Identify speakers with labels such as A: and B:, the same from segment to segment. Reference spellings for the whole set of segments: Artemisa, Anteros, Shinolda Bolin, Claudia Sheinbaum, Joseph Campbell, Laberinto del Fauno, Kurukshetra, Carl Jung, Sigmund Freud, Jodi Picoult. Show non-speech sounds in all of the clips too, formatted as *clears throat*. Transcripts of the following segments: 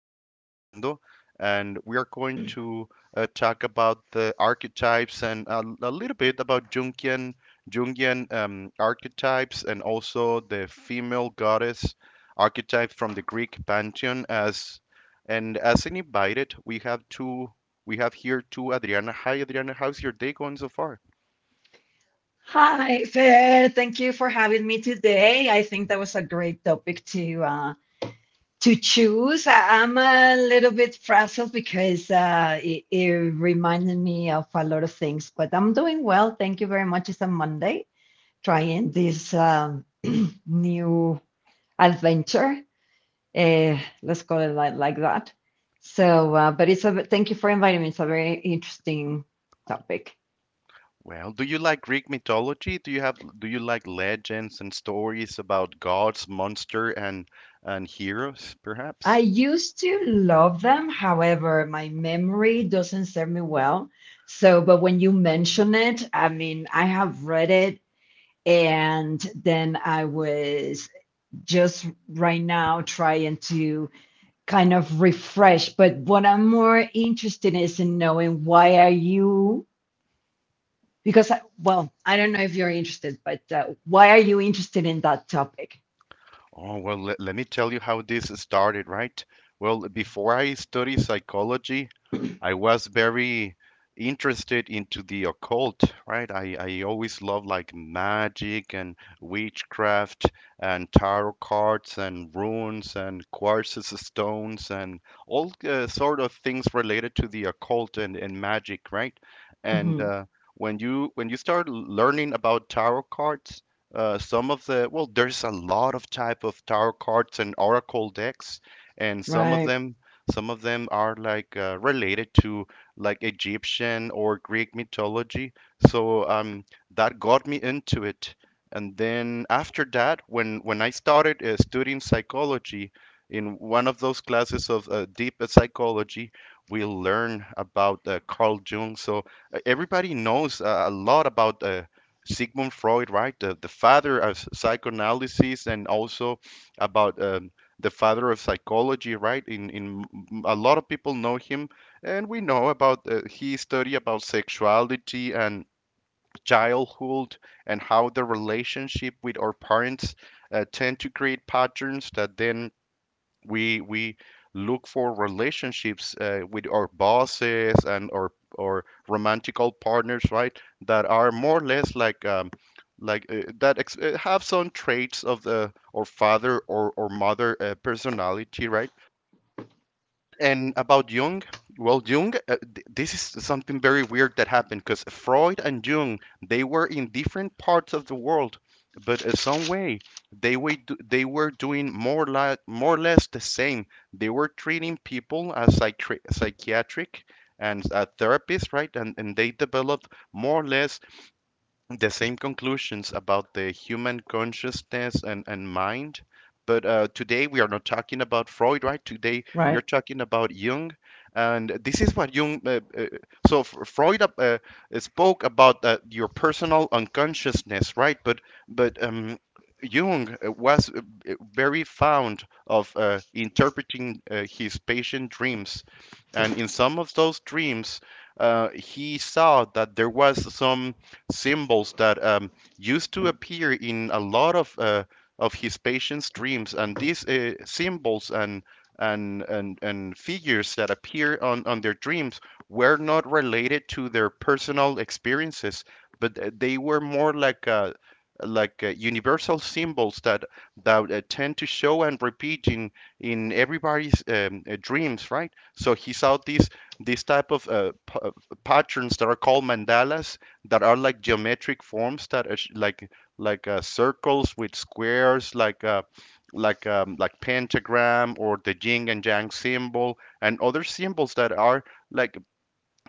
A: is Fernando, and we are going to talk about the archetypes and a little bit about Jungian archetypes and also the female goddess archetype from the Greek pantheon. As an invited, we have two. We have here two Adriana. Hi, Adriana. How's your day going so far?
B: Hi, Fer. Thank you for having me today. I think that was a great topic to to choose. I'm a little bit frazzled because it reminded me of a lot of things, but I'm doing well. Thank you very much. It's a Monday, trying this *clears throat* new adventure. Uh, let's call it like that. So, but it's a thank you for inviting me. It's a very interesting topic.
A: Well, do you like Greek mythology? Do you like legends and stories about gods, monster, and heroes,
B: I
A: perhaps?
B: used to love them. However, my memory doesn't serve me well. So, but when you mention it, I mean, I have read it. And then I was just right now trying to kind of refresh. But what I'm more interested is in knowing why are you, because, I, well, I don't know if you're interested, but why are you interested in that topic?
A: Oh, well, let me tell you how this started, right? Well, before I studied psychology, I was very interested into the occult, right? I always loved like magic and witchcraft and tarot cards and runes and quartz stones and all sort of things related to the occult and magic, right? And
B: Hmm.
A: when you When you start learning about tarot cards, some of the well, there's a lot of type of tarot cards and oracle decks, and
B: Right,
A: some of them are like related to like Egyptian or Greek mythology. So um, that got me into it. And then after that, when I started studying psychology, in one of those classes of deep psychology, we learn about Carl Jung. So everybody knows a lot about Sigmund Freud, right? The father of psychoanalysis, and also about the father of psychology, right? In A lot of people know him, and we know about he study about sexuality and childhood and how the relationship with our parents tend to create patterns that then we look for relationships with our bosses and our or romantical partners, right, that are more or less like have some traits of the or father or mother personality, right. And about Jung, well, Jung, this is something very weird that happened because Freud and Jung, they were in different parts of the world, but some way they were doing more like more or less the same. They were treating people as psychiatric and therapists, right? And they developed more or less the same conclusions about the human consciousness and mind. But today we are not talking about Freud, right? Today we are
B: right.
A: talking about Jung. And this is what Jung, so F- Freud spoke about your personal unconsciousness, right? But Jung was very fond of interpreting his patient dreams. And in some of those dreams, he saw that there was some symbols that used to appear in a lot of his patients' dreams, and these symbols and and figures that appear on their dreams were not related to their personal experiences, but they were more like universal symbols that tend to show and repeat in everybody's dreams, right? So he saw these type of patterns that are called mandalas that are like geometric forms that are like circles with squares like like pentagram or the yin and yang symbol and other symbols that are like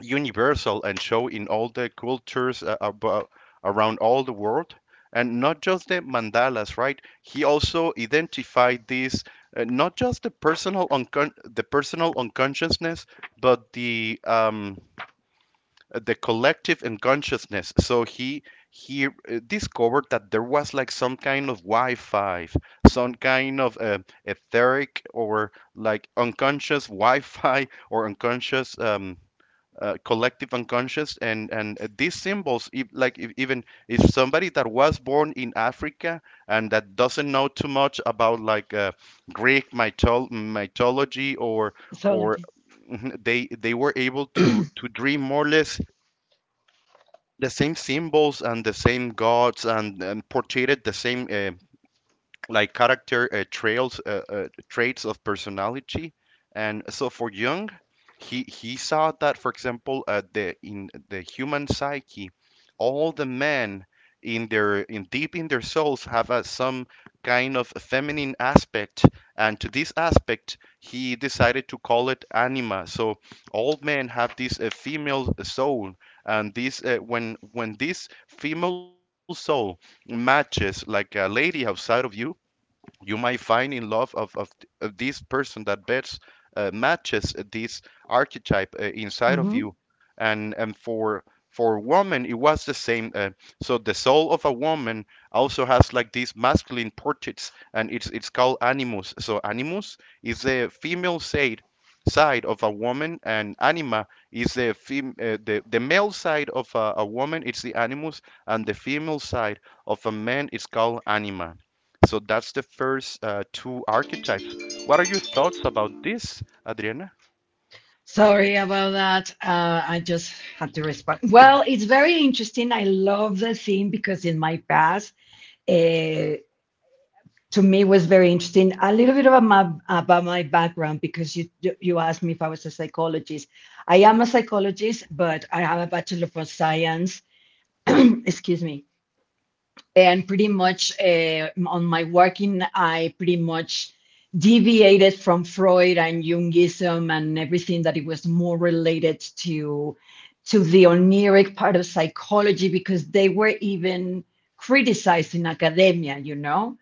A: universal and show in all the cultures around all the world. And not just the mandalas, right, he also identified these, not just the personal the personal unconsciousness but the collective unconsciousness. So he discovered that there was like some kind of Wi-Fi, some kind of etheric or like unconscious Wi-Fi *laughs* or unconscious collective unconscious, and these symbols, if, like if, even if somebody that was born in Africa and that doesn't know too much about like Greek mythology or
B: Mythology.
A: *laughs* they were able to dream more or less the same symbols and the same gods, and portrayed the same like character traits of personality. And so for Jung, he saw that, for example, the in the human psyche, all the men in their in deep in their souls have some kind of feminine aspect, and to this aspect, he decided to call it anima. So all men have this female soul, and this when this female soul matches like a lady outside of you, you might find in love of this person that best matches this archetype inside of you. And for woman it was the same. So the soul of a woman also has like these masculine portraits and it's called animus. So animus is the female side of a woman, and anima is the the male side of a woman. It's the animus, and the female side of a man is called anima. So that's the first two archetypes. What are your thoughts about this, Adriana?
B: Sorry about that. I just had to respond. *laughs* Well, it's very interesting. I love the theme because in my past, uh, to me was very interesting. A little bit about my background because you asked me if I was a psychologist. I am a psychologist, but I have a bachelor of science. *clears throat* Excuse me, and pretty much on my working I pretty much deviated from Freud and Jungism and everything that it was more related to the oniric part of psychology because they were even criticizing academia, you know,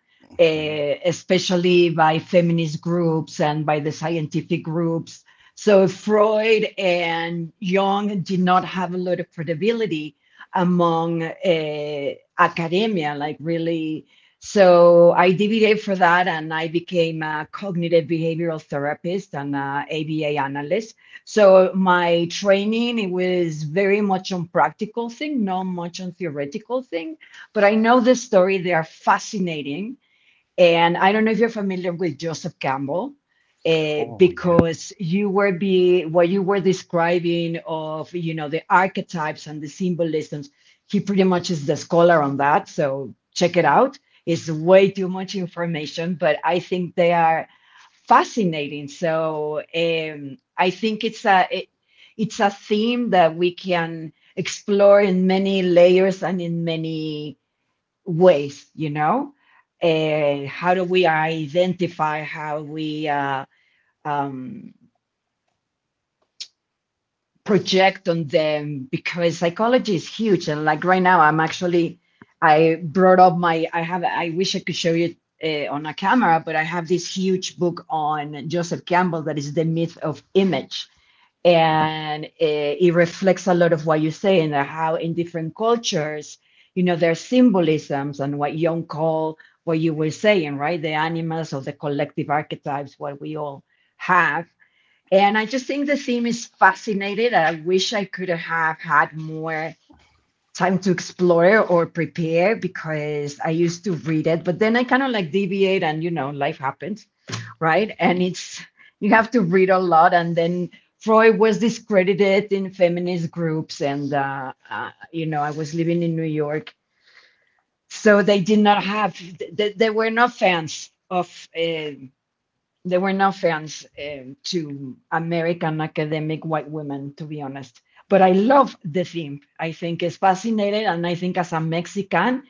A: Mhm.
B: especially by feminist groups and by the scientific groups. So Freud and Jung did not have a lot of credibility among academia, like really. So I DBA for that, and I became a cognitive behavioral therapist and a ABA analyst. So my training it was very much on practical thing, not much on theoretical thing. But I know this story; they are fascinating, and I don't know if you're familiar with Joseph Campbell, eh,
A: Oh, yeah.
B: because you were be what you were describing of, you know, the archetypes and the symbolisms. He pretty much is the scholar on that, so check it out. It's way too much information, but I think they are fascinating. So I think it's a theme that we can explore in many layers and in many ways, you know? How do we identify, how we um, project on them? Because psychology is huge. And like right now, I'm actually, I brought up my, I have, I wish I could show you on a camera, but I have this huge book on Joseph Campbell that is The Myth of Image, and it reflects a lot of what you say and how in different cultures, you know, there's symbolisms and what Jung call, what you were saying, right? The animals of the collective archetypes, what we all have. And I just think the theme is fascinating. I wish I could have had more time to explore or prepare because I used to read it, but then I kind of like deviate and, you know, life happens, right? And it's you have to read a lot. And then Freud was discredited in feminist groups and, you know, I was living in New York, so they did not have they were not fans of there were no fans, eh, to American academic white women, to be honest. But I love the theme. I think it's fascinating, and I think as a Mexican,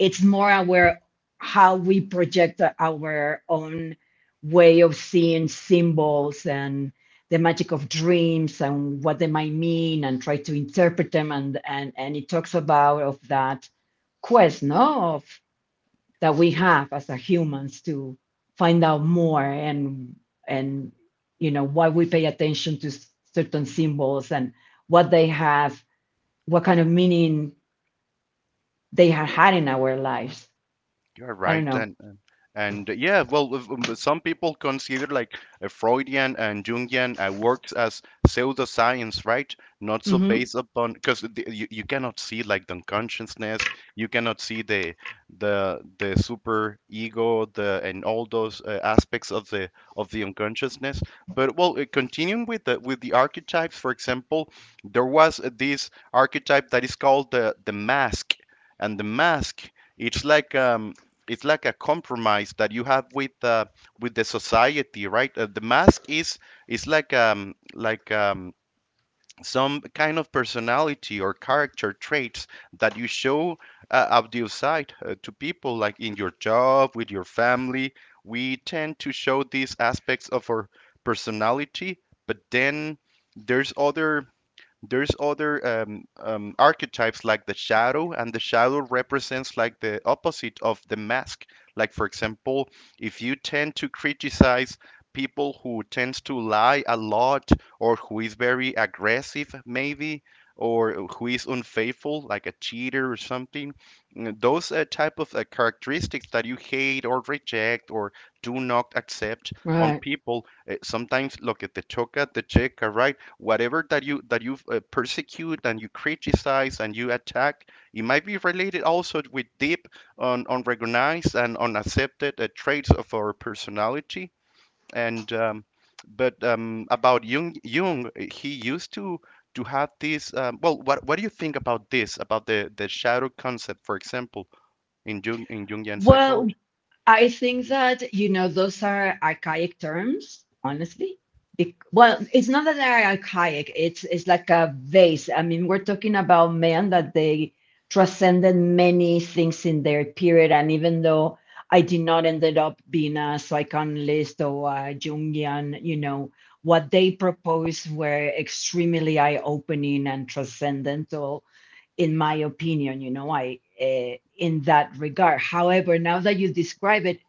B: it's more aware how we project our own way of seeing symbols and the magic of dreams and what they might mean and try to interpret them, and it talks about of that quest, no, of that we have as a humans to find out more. And, you know, why we pay attention to certain symbols and what they have, what kind of meaning they have had in our lives.
A: You're
B: I don't
A: right,
B: know.
A: and, yeah, well, if, some people consider like Freudian and Jungian works as pseudoscience, right? Not so
B: Hmm.
A: based upon because you cannot see like the consciousness, you cannot see the the super ego, the and all those aspects of the unconsciousness. But well, continuing with the archetypes, for example, there was this archetype that is called the mask, and the mask. It's like um, it's like a compromise that you have with the society, right? The mask is like some kind of personality or character traits that you show out the outside to people, like in your job, with your family. We tend to show these aspects of our personality, but then there's other there's other archetypes like the shadow. And the shadow represents like the opposite of the mask. Like, for example, if you tend to criticize people who tends to lie a lot, or who is very aggressive maybe, or who is unfaithful like a cheater or something, those type of characteristics that you hate or reject or do not accept on
B: Right.
A: people sometimes, look at the toca the checa, right? Whatever that you persecute and you criticize and you attack, it might be related also with deep unrecognized and unaccepted traits of our personality. And but About Jung, he used to have this well, what do you think about this, about the shadow concept, for example, in jung in jungian
B: Well,
A: psychology?
B: I think that, you know, those are archaic terms, honestly. Bec well, it's not that they're archaic, it's like a vase. I mean, we're talking about men that they transcended many things in their period. And even though I did not ended up being a psychoanalyst or a Jungian, you know, what they proposed were extremely eye-opening and transcendental in my opinion, you know, I in that regard. However, now that you describe it,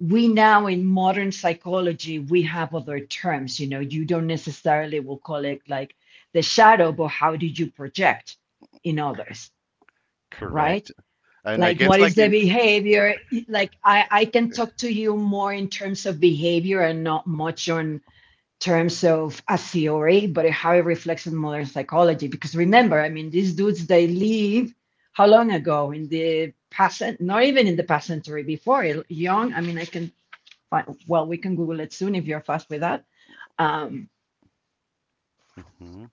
B: we now in modern psychology we have other terms. You know, you don't necessarily will call it like the shadow, but how do you project in others, right?
A: Correct. And I
B: Like
A: guess
B: what is
A: like
B: the
A: in
B: behavior? Like I can talk to you more in terms of behavior and not much on terms of a theory, but how it reflects on modern psychology. Because remember, I mean, these dudes, they live how long ago? In the past, not even in the past century before. It- Young, I mean, I can find, well, we can Google it soon if you're fast with that. Um,
A: Mhm.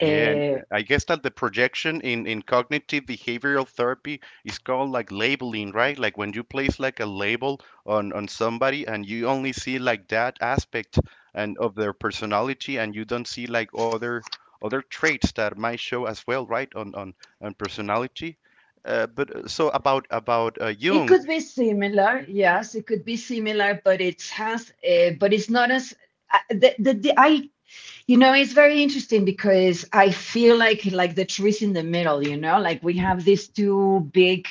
A: Yeah, and I guess that the projection in cognitive behavioral therapy is called like labeling, right? Like when you place like a label on somebody and you only see like that aspect and of their personality and you don't see like other other traits that might show as well, right? On personality. But So about
B: it
A: Jung.
B: could be similar, yes, it could be similar, but it has, but it's not as, I- the, I, you know, it's very interesting because I feel like the trees in the middle, you know, like we have these two big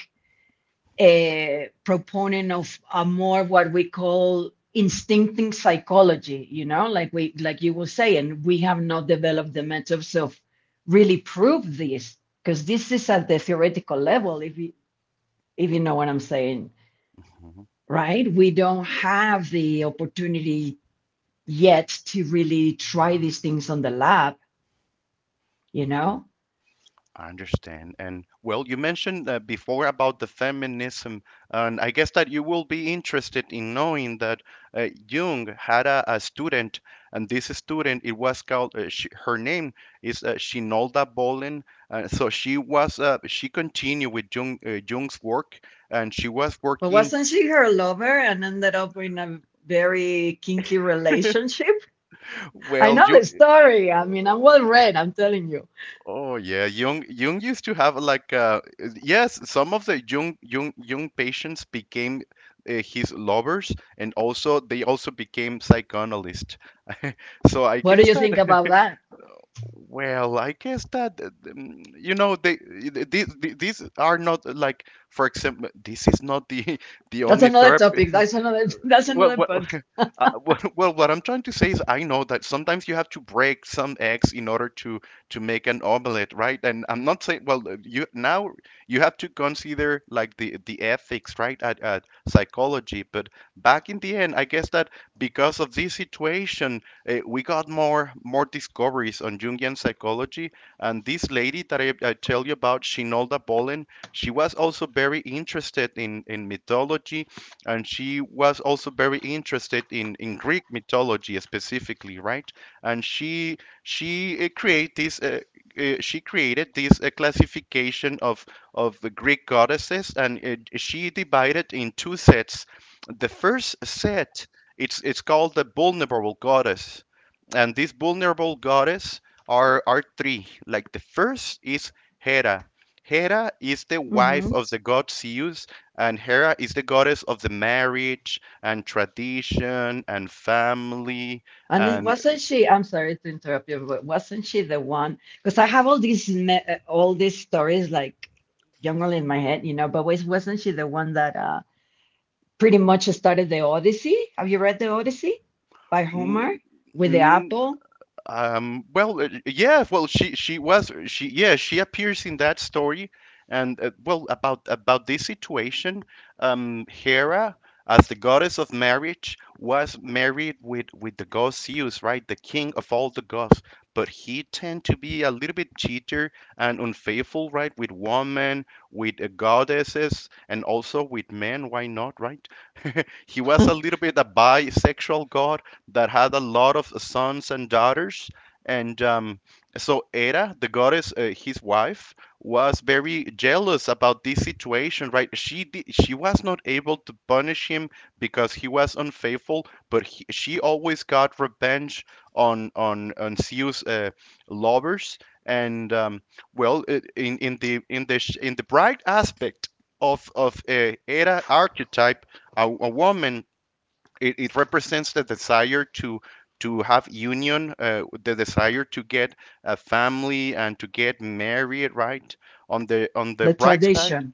B: a proponent of a more what we call instincting psychology, you know, like we like you will say, and we have not developed the methods of really prove this because this is at the theoretical level, if you, if you know what I'm saying,
A: Mhm.
B: right? We don't have the opportunity yet to really try these things on the lab, you know.
A: I understand. And well, you mentioned before about the feminism, and I guess that you will be interested in knowing that Jung had a student, and this student, it was called, her name is Shinolda Bolin. So she was, she continued with Jung's work, and she was
B: But
A: working,
B: wasn't she her lover and ended up in a very kinky relationship? I
A: well,
B: know
A: you,
B: the story. I mean, I'm well read, I'm telling you.
A: Oh yeah, Jung used to have like yes, some of the Jung patients became his lovers, and also they also became psychoanalysts. *laughs* So I
B: What do
A: guess
B: you
A: that
B: think about that?
A: well, I guess that you know they these are not like, for example, this is not the *laughs* the
B: That's
A: only
B: another
A: therapy.
B: topic. That's another *laughs* that's
A: Well,
B: another
A: what
B: podcast.
A: well, *laughs* well, what I'm trying to say is, I know that sometimes you have to break some eggs in order to make an omelet, right? And I'm not saying, well, you now you have to consider like the ethics, right, at psychology. But back in the end, I guess that because of this situation, we got more more discoveries on Jungian psychology. And this lady that I tell you about, Shinolda Bolin, she was also very interested in mythology, and she was also very interested in Greek mythology specifically, right? And she create this she created this classification of the Greek goddesses, and she divided in two sets. The first set it's called the vulnerable goddess, and these vulnerable goddess are three. Like the first is Hera. Hera is the
B: Hmm.
A: wife of the god Zeus, and Hera is the goddess of the marriage and tradition and family
B: And it,
A: and
B: wasn't she? I'm sorry to interrupt you, but wasn't she the one? Because I have all these all these stories like jungle in my head, you know. But was, wasn't she the one that pretty much started the Odyssey? Have you read the Odyssey by
A: mm,
B: Homer with the
A: mm,
B: apple,
A: Well, yeah, well, she was she yeah she appears in that story, and well, about this situation, Hera as the goddess of marriage was married with the god Zeus, right, the king of all the gods, but he tend to be a little bit cheater and unfaithful, right, with women, with goddesses, and also with men. Why not, right? He
B: *laughs*
A: was
B: the
A: a little bit a bisexual god that had a lot of sons and daughters. And so Hera, the goddess, his wife, was very jealous about this situation, right? She was not able to punish him because he was unfaithful, but she always got revenge on Zeus' lovers. And well, in the bright aspect of Hera archetype, a woman, it represents the desire to have union, the desire to get a family and to get married, right? On the bright side,
B: tradition?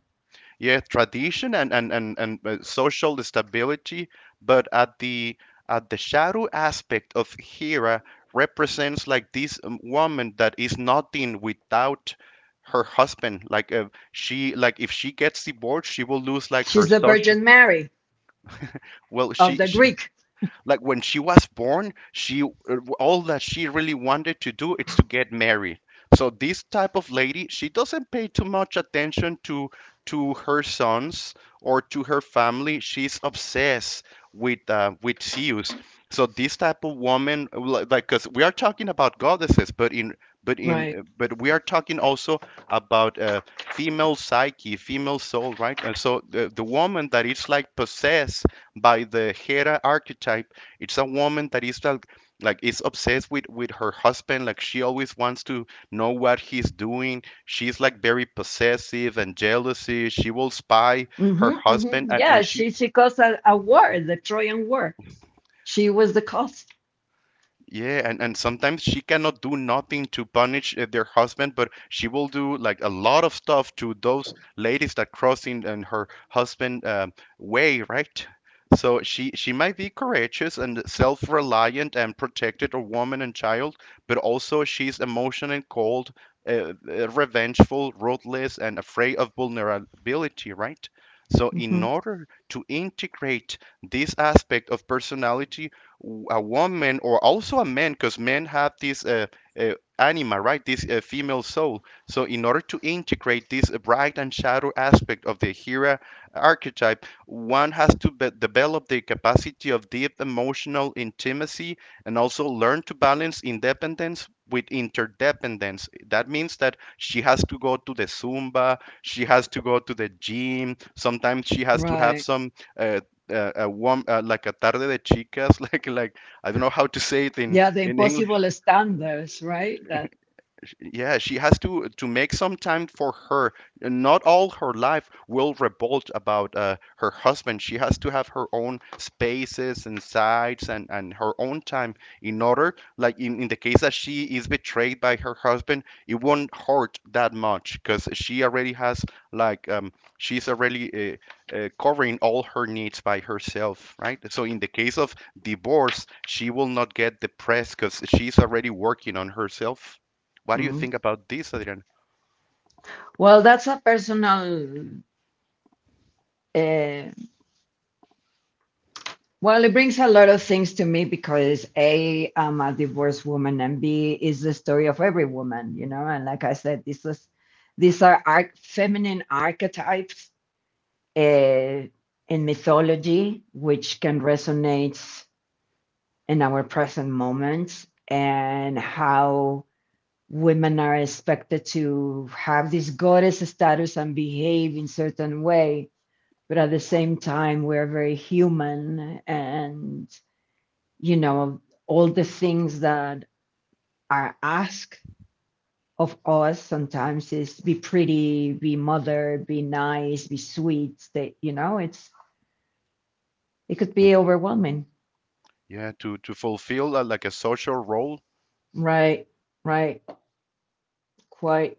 A: yeah, tradition and social stability, but at the shadow aspect of Hera represents like this woman that is nothing without her husband, like, she, like, if she gets divorced she will lose like her
B: She's the
A: social.
B: Virgin Mary
A: Well,
B: of
A: she,
B: the
A: she
B: Greek,
A: like when she was born, she all that she really wanted to do is to get married. So this type of lady, she doesn't pay too much attention to her sons or to her family. She's obsessed with Zeus. So this type of woman, like, cuz we are talking about goddesses, but in but in
B: right?
A: but we are talking also about female psyche, female soul, right? And so the woman that is like possessed by the Hera archetype, it's a woman that is like is obsessed with her husband. Like, she always wants to know what he's doing. She's like very possessive and jealousy. She will spy
B: Hmm
A: her
B: hmm.
A: husband, and
B: Yeah,
A: and she.
B: she caused a war, the Trojan War. She was the because
A: Yeah, and sometimes she cannot do nothing to punish their husband, but she will do like a lot of stuff to those ladies that crossing in her husband way, right? So she might be courageous and self-reliant and protected a woman and child, but also she's emotional and cold, revengeful, ruthless, and afraid of vulnerability, right? So in
B: hmm.
A: order to integrate this aspect of personality, a woman or also a man, because men have this uh, anima, right? This female soul. So, in order to integrate this bright and shadow aspect of the Hera archetype, one has to develop the capacity of deep emotional intimacy and also learn to balance independence with interdependence. That means that she has to go to the Zumba, she has to go to the gym, sometimes she has to have
B: Right.
A: some uh, a like a tarde de chicas, *laughs* like, I don't know how to say it in
B: Yeah, the
A: in English.
B: impossible standards, right? That.
A: Yeah, she has to make some time for her. Not all her life will revolt about her husband. She has to have her own spaces and sides and her own time, in order, like, in the case that she is betrayed by her husband, it won't hurt that much because she already has, like, she's already covering all her needs by herself, right? So in the case of divorce, she will not get depressed because she's already working on herself. What do you
B: Mm.
A: think about this, Adrian?
B: Well, that's a personal. Uh, well, it brings a lot of things to me because A, I'm a divorced woman, and B is the story of every woman, you know. And like I said, this is these are arch- feminine archetypes uh, in mythology, which can resonate in our present moment and how women are expected to have this goddess status and behave in certain way, but at the same time we're very human, and, you know, all the things that are asked of us sometimes is be pretty, be mother, be nice, be sweet, that, you know, it's it could be overwhelming.
A: Yeah, to fulfill, like, a social role.
B: Right, right, quite.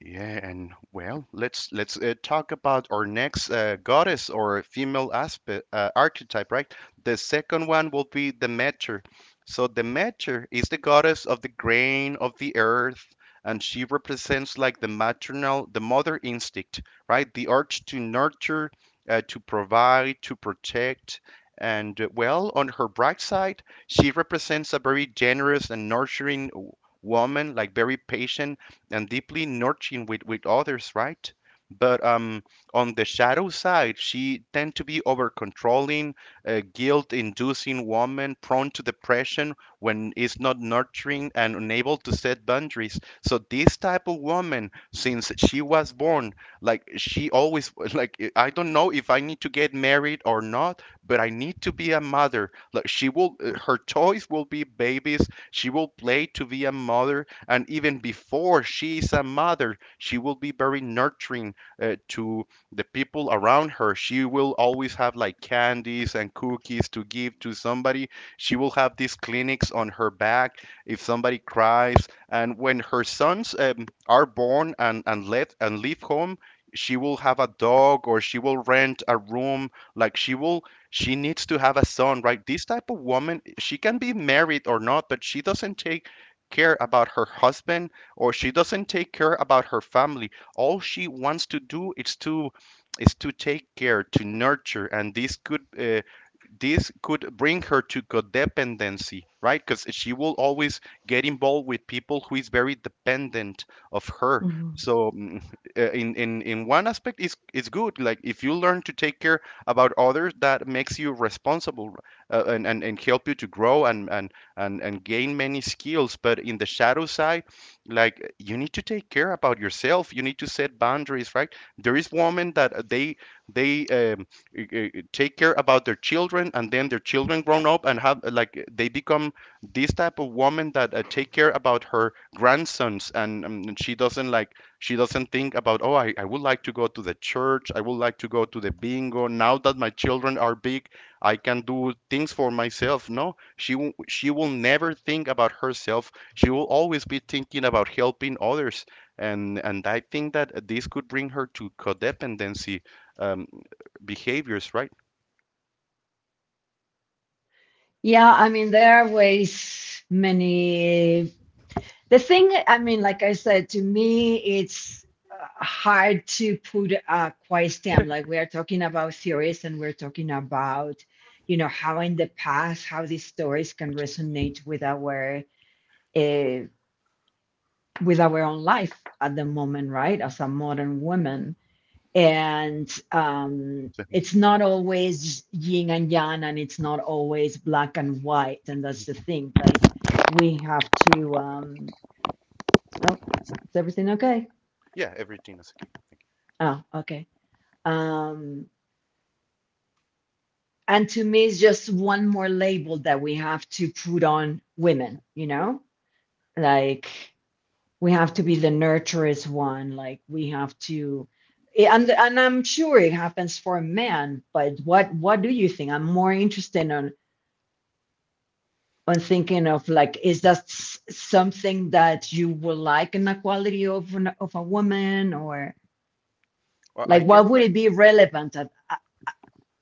A: Yeah, and well, let's talk about our next goddess, or female aspect, archetype, right? The second one will be the Demeter. So the Demeter is the goddess of the grain, of the earth, and she represents like the maternal, the mother instinct, right? The urge to nurture, to provide, to protect. And well, on her bright side, she represents a very generous and nurturing woman, like, very patient and deeply nurturing with others, right? But on the shadow side, she tend to be over controlling, a guilt-inducing woman prone to depression when is not nurturing, and unable to set boundaries. So this type of woman, since she was born, like, she always, *laughs* like, I don't know if I need to get married or not, but I need to be a mother. Like, she will, her toys will be babies. She will play to be a mother, and even before she is a mother, she will be very nurturing, to the people around her. She will always have like candies and cookies to give to somebody. She will have these clinics on her back if somebody cries. And when her sons are born, and leave home, she will have a dog or she will rent a room. Like, she will, she needs to have a son, right? This type of woman, she can be married or not, but she doesn't take care about her husband, or she doesn't take care about her family. All she wants to do is to take care, to nurture, and this could bring her to codependency, right? Because she will always get involved with people who is very dependent of her.
B: Mm-hmm.
A: So, *laughs* in one aspect, it's good. Like, if you learn to take care about others, that makes you responsible, and, and help you to grow and gain many skills. But in the shadow side, like, you need to take care about yourself. You need to set boundaries, right? There is women that, they uh, take care about their children, and then their children grown up, and have, like, they become this type of woman that, take care about her grandsons, and she doesn't like, she doesn't think about, oh, I would like to go to the church, I would like to go to the bingo now that my children are big, I can do things for myself. No, she will never think about herself. She will always be thinking about helping others. And I think that this could bring her to codependency, um, behaviors, right?
B: Yeah, I mean, there are ways many. The thing, I mean, like I said, to me, it's hard to put a quiet stamp. Like we are talking about theories and we're talking about, you know, how in the past, how these stories can
A: Which
B: resonate uh, with our own life at the moment, right? As a modern woman, and it's not always yin and yang, and it's not always black and white, and that's the thing. Like we have to oh, is everything okay?
A: Yeah, everything is.
B: Oh, okay. um and to me it's just one more label that we have to put on women, you know? Like we have to be the nurturous one, like we have to yeah, and I'm sure it happens for a man, but what do you think? I'm more interested on thinking of like is that something that you would like in a quality of an, of a woman, or
A: Well, I
B: like
A: guess,
B: what would
A: like.
B: it be relevant at,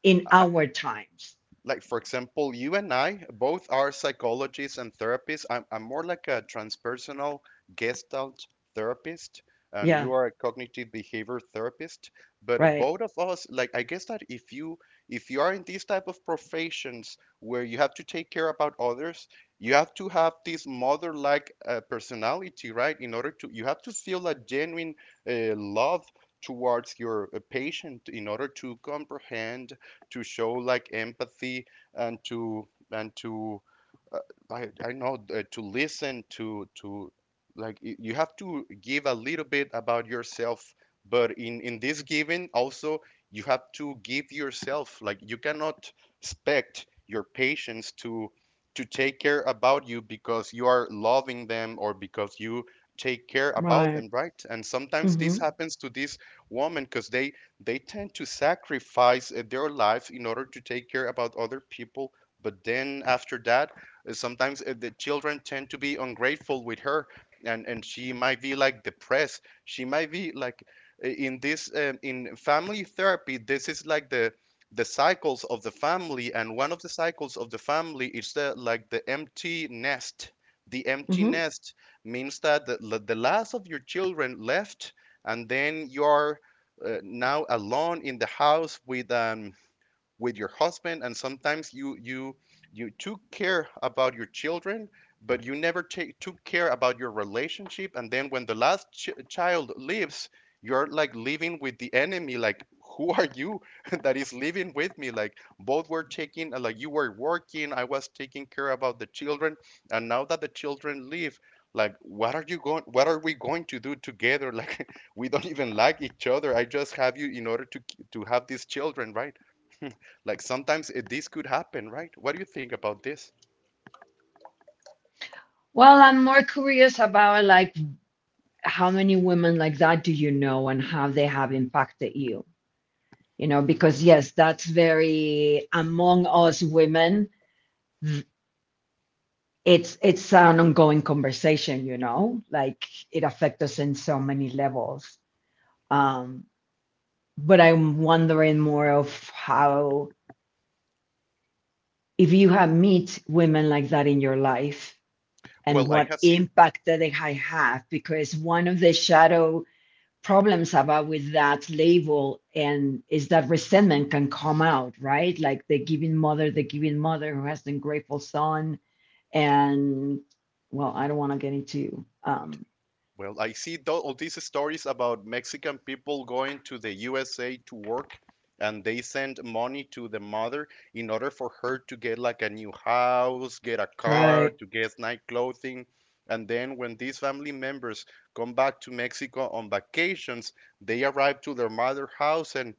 B: in our times?
A: like, for example, you and I both are psychologists and therapists. I'm more like a transpersonal gestalt therapist, and
B: Yeah,
A: you are a cognitive behavior therapist. But
B: right,
A: both of us, like, I guess that if you, if you are in these type of professions where you have to take care about others, you have to have this mother-like, personality, right? In order to, you have to feel a genuine love towards your patient, in order to comprehend, to show like empathy, and to, and to, uh, I, know, to listen, to like, you have to give a little bit about yourself, but in this giving also you have to give yourself, like, you cannot expect your patients to take care about you because you are loving them, or because you take care about
B: right.
A: them, right? And sometimes this
B: Mm-hmm.
A: happens to this woman because they tend to sacrifice their lives in order to take care about other people. But then after that, sometimes, the children tend to be ungrateful with her, and she might be like depressed, she might be like, in this, in family therapy this is like the cycles of the family, and one of the cycles of the family is the, like, the empty nest. the empty
B: Mm-hmm.
A: nest means that the last of your children left, and then you're, now alone in the house with an, with your husband. And sometimes you, you, you took care about your children, but you never take, took care about your relationship. And then when the last child leaves, you're like living with the enemy, like, who are you *laughs* that is living with me, like, both were taking, like, you were working, I was taking care about the children, and now that the children leave, like, what are we going to do together? Like, *laughs* we don't even like each other, I just have you in order to have these children, right? *laughs* Like, sometimes it, this could happen, right? What do you think about this?
B: Well, I'm more curious about like how many women like that do you know, and how they have impacted you, you know? Because yes, that's very among us women, it's an ongoing conversation, you know. Like it affects us in so many levels. um but I'm wondering more of how, if you have meet women like that in your life, and
A: Well, I
B: what
A: have seen,
B: impact that they have. Because one of the shadow problems about with that label, and is that resentment can come out, right? Like the giving mother, the giving mother who has the ungrateful son. And well, I don't want to get into
A: well, I see all these stories about Mexican people going to the USA to work, and they send money to the mother in order for her to get like a new house, get a car,
B: Right.
A: to get nice clothing. And then when these family members come back to Mexico on vacations, they arrive to their mother house and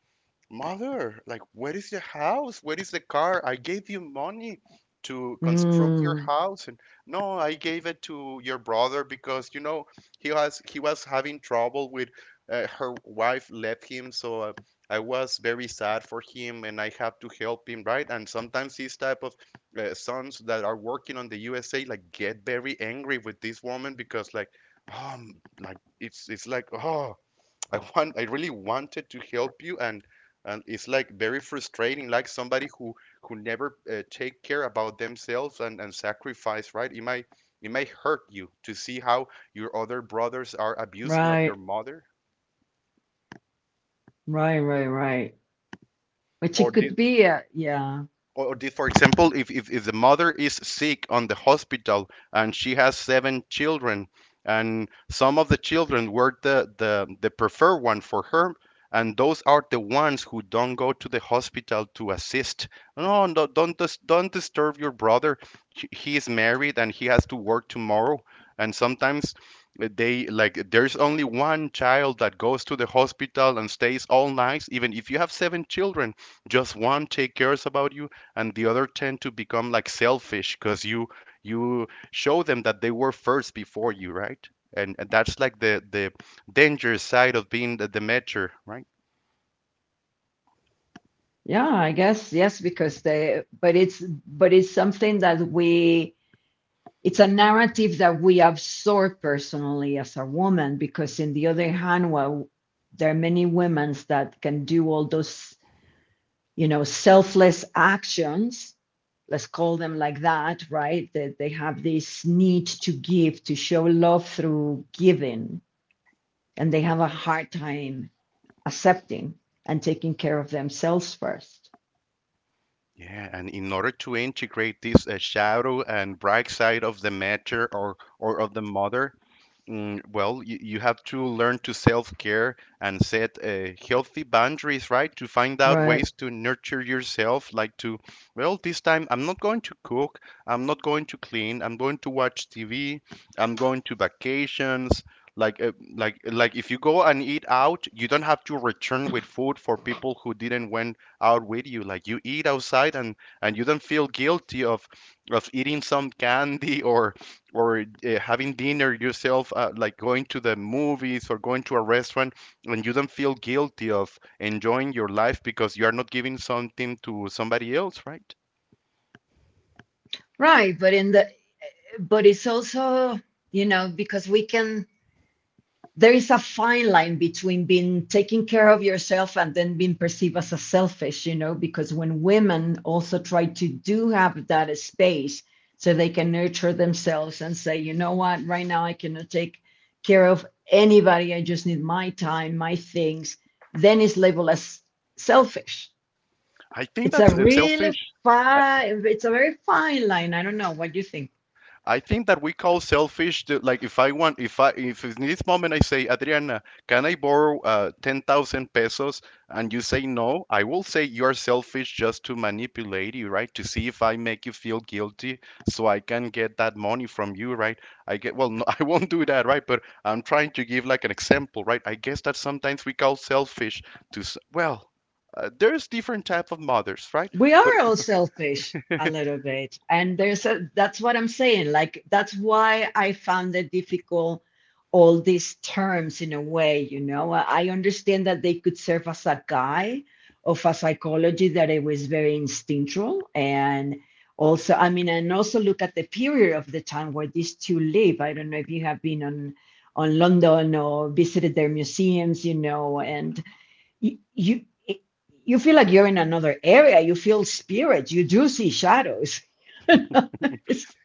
A: mother, like, where is the house? Where is the car? I gave you money to construct your
B: Mm,
A: house, and no, I gave it to your brother because he was having trouble with her wife left him, so I was very sad for him, and I have to help him, right? And sometimes these type of sons that are working on the USA like get very angry with this woman because um like it's like oh. I really wanted to help you and it's like very frustrating, like somebody who never take care about themselves and sacrifice, right? It might it might hurt you to see how your other brothers are abusing of your
B: right.
A: mother
B: Right. Right. Right. Which
A: or
B: it
A: this.
B: could be a, yeah.
A: For example, if the mother is sick on the hospital and she has seven children, and some of the children were the preferred one for her, and those are the ones who don't go to the hospital to assist. No, no, don't disturb your brother. He is married and he has to work tomorrow. And sometimes they, like, there's only one child that goes to the hospital and stays all night. Even if you have seven children, just one take cares about you and the other tend to become like selfish because you show them that they were first before you, right? And that's like the danger side of being the mentor, right?
B: Yeah, I guess yes, because they but it's something that we it's a narrative that we absorb personally as a woman, because in the other hand, well, there are many women that can do all those, you know, selfless actions, let's call them like that, right? That they have this need to give, to show love through giving. And they have a hard time accepting and taking care of themselves first.
A: Yeah, and in order to integrate this shadow and bright side of the matter or of the mother, well, you have to learn to self-care and set healthy boundaries, right? To find out
B: Right.
A: ways to nurture yourself, like to, well, this time I'm not going to cook, I'm not going to clean, I'm going to watch TV, I'm going to vacations. Like, if you go and eat out, you don't have to return with food for people who didn't went out with you. Like, you eat outside and you don't feel guilty of eating some candy or having dinner yourself, like going to the movies or going to a restaurant, and you don't feel guilty of enjoying your life because you are not giving something to somebody else, right?
B: Right, but in the but it's also, you know, because we can there is a fine line between being taking care of yourself and then being perceived as a selfish, you know, because when women also try to do have that space so they can nurture themselves and say, you know what, right now I cannot take care of anybody, I just need my time, my things, then it's labeled as selfish.
A: I think
B: It's a
A: that's
B: really
A: selfish.
B: fine it's a very fine line, I don't know what you think.
A: I think that we call selfish to, like, if I if in this moment I say Adriana, can I borrow 10,000 pesos and you say no, I will say you're selfish just to manipulate you, right? To see if I make you feel guilty so I can get that money from you, right? I get, well, no, *laughs* I won't do that, right? But I'm trying to give like an example, right? I guess that sometimes we call selfish to well, there's different type of mothers, right?
B: We
A: But
B: are all selfish a little bit, and there's a that's what I'm saying, like that's why I found it difficult all these terms in a way, you know, I understand that they could serve as a guide of a psychology that it was very instinctual. And also I mean, and also look at the period of the time where these two live. I don't know if you have been on London or visited their museums, you know, and you you you feel like you're in another area. You feel spirit. You do see shadows. *laughs* It's-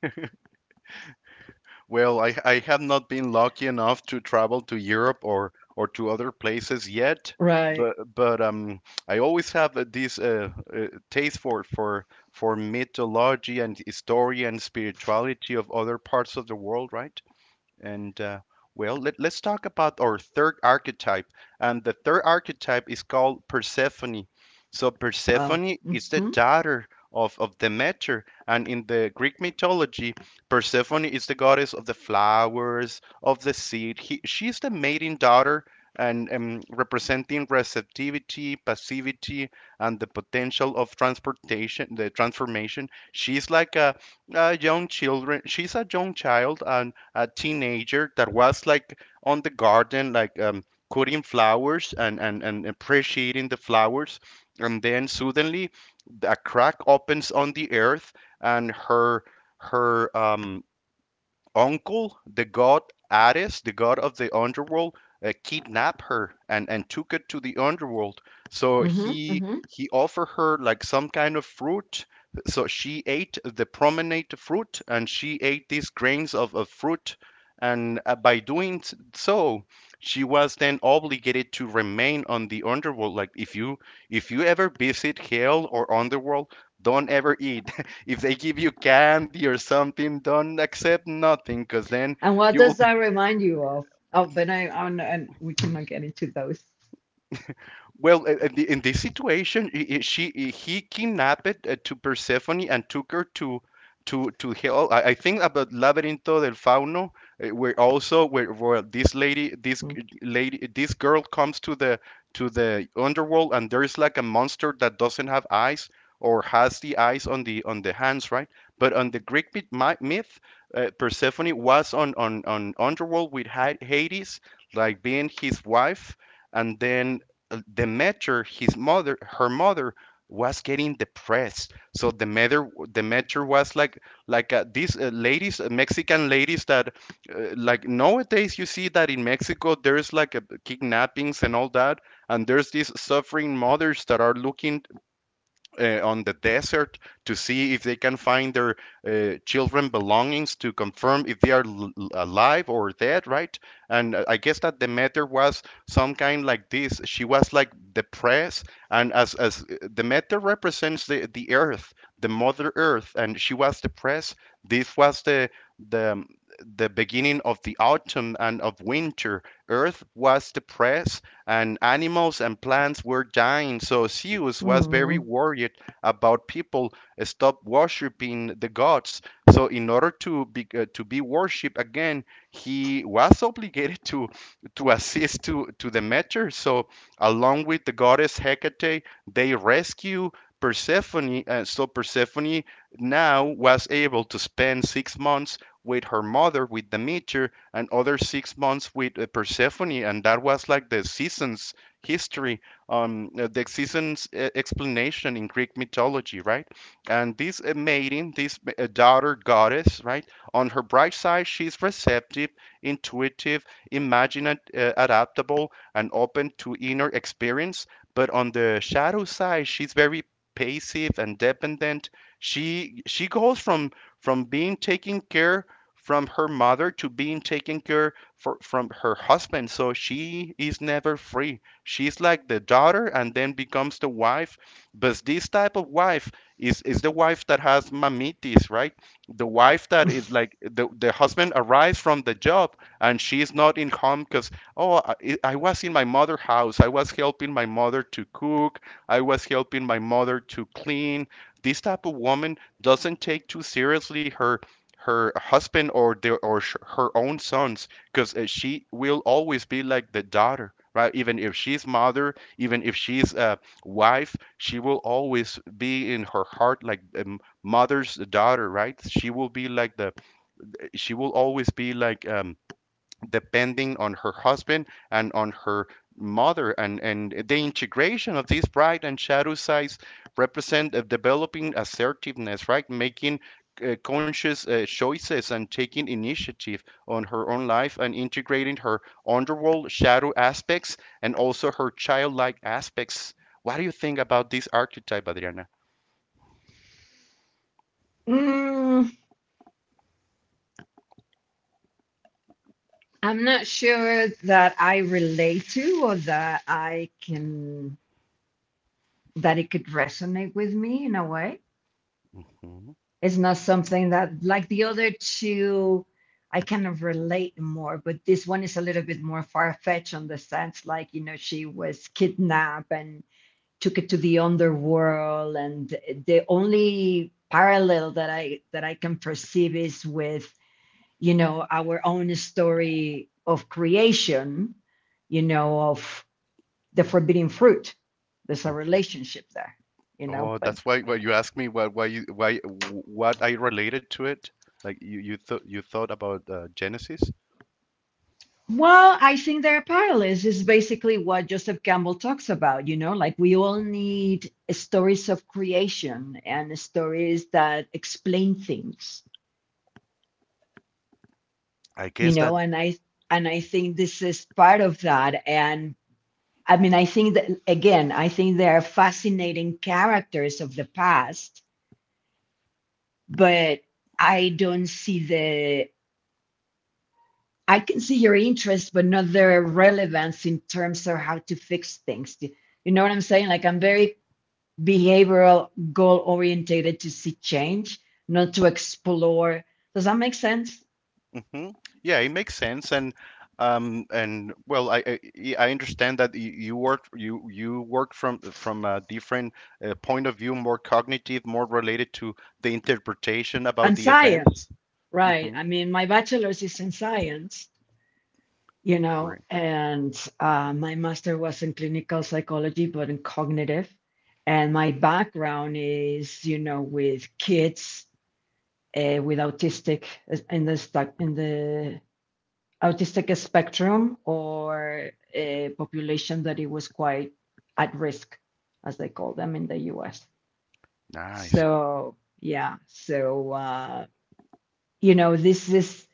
A: well, I have not been lucky enough to travel to Europe or to other places yet,
B: Right.
A: but I always have this taste for mythology and history and spirituality of other parts of the world, right? And well, let's talk about our third archetype. And the third archetype is called Persephone. So
B: Wow.
A: Persephone is the
B: Mm-hmm,
A: daughter of Demeter. And in the Greek mythology, Persephone is the goddess of the flowers, of the seed. She is the maiden daughter and representing receptivity, passivity, and the potential of transportation, the transformation. She's like a young children. She's a young child, and a teenager that was like on the garden, like cutting flowers and appreciating the flowers. And then suddenly a crack opens on the earth and her her um, uncle, the god Ares, the god of the underworld, kidnapped her and took it to the underworld. So
B: mm-hmm, mm-hmm.
A: he offered her like some kind of fruit. So she ate the promenade fruit and she ate these grains of fruit. And by doing so, she was then obligated to remain on the underworld. Like, if you ever visit hell or underworld, don't ever eat if they give you candy or something, don't accept nothing because then
B: And what
A: you will.
B: does that remind you of? Oh, but I, I'm, and we cannot get into those.
A: Well, in this situation, he kidnapped to Persephone and took her to to hell. I think about Laberinto del Fauno, where also where this lady
B: Mm.
A: this girl comes to the underworld and there's like a monster that doesn't have eyes or has the eyes on the hands, right? But on the Greek myth Persephone was on underworld with Hades, like being his wife and then Demeter, his mother, her mother was getting depressed. So Demeter was like these ladies, Mexican ladies that like nowadays you see that in Mexico there's like kidnappings and all that, and there's these suffering mothers that are looking on the desert to see if they can find their children belongings to confirm if they are alive or dead, right? And I guess that Demeter was some kind like this. She was like depressed, and as Demeter represents the earth, the mother earth, and she was depressed, this was the the um, the beginning of the autumn and of winter. Earth was depressed and animals and plants were dying. So Zeus was very
B: Mm.
A: worried about people stop worshiping the gods. So in order to be worshipped again, he was obligated to assist to Demeter. So along with the goddess Hecate, they rescue Persephone. So Persephone now was able to spend 6 months with her mother, with Demeter, and other 6 months with Persephone, and that was like the seasons history, the seasons explanation in Greek mythology, right? And this maiden, this daughter goddess, right? On her bright side, she's receptive, intuitive, imaginative, adaptable, and open to inner experience. But on the shadow side, she's very passive and dependent. She goes from being taken care from her mother to being taken care for, from her husband. So she is never free. She's like the daughter and then becomes the wife. But this type of wife is the wife that has mamitis, right? The wife that is like the husband arrives from the job and she's not in home because, oh, I was in my mother house. I was helping my mother to cook. I was helping my mother to clean. This type of woman doesn't take too seriously her her husband or her own sons because she will always be like the daughter, right? Even if she's mother, even if she's a wife, she will always be in her heart like a mother's daughter, right? She will be like the she will always be like depending on her husband and on her mother. And the integration of these bright and shadow sides represent a developing assertiveness, right? Making conscious choices and taking initiative on her own life and integrating her underworld shadow aspects and also her childlike aspects. What do you think about this archetype, Adriana?
B: Mm, I'm not sure that I relate to or that I can that it could resonate with me in a way.
A: Mhm.
B: It's not something that, like the other two, I kind of relate more, but this one is a little bit more far-fetched on the sense like, you know, she was kidnapped and took it to the underworld, and the only parallel that I can perceive is with, you know, our own story of creation, you know, of the forbidden fruit. There's a relationship there, you know,
A: Oh,
B: but
A: that's why you asked me why you why what I related to it. Like you you thought about Genesis.
B: well, I think there are parallels. Is basically what Joseph Campbell talks about. You know, like we all need stories of creation and stories that explain things.
A: I
B: You
A: guess that.
B: know, and I think this is part of that. And I mean, I think that again, I think there are fascinating characters of the past, but I don't see the. I can see your interest, but not their relevance in terms of how to fix things. You know what I'm saying? Like I'm very behavioral goal oriented to see change, not to explore. Does that make sense?
A: Hmm. Yeah, it makes sense. And and well, yeah, I understand that you worked you work from a different point of view, more cognitive, more related to the interpretation about
B: And
A: the events.
B: science, right?
A: Hmm.
B: I mean, my bachelor's is in science, you know,
A: Correct.
B: and my master was in clinical psychology, but in cognitive. And my background is, you know, with kids with autistic in the stack in the autistic spectrum or a population that it was quite at risk, as they call them in the US.
A: Nice.
B: So, yeah, so, you know, this is,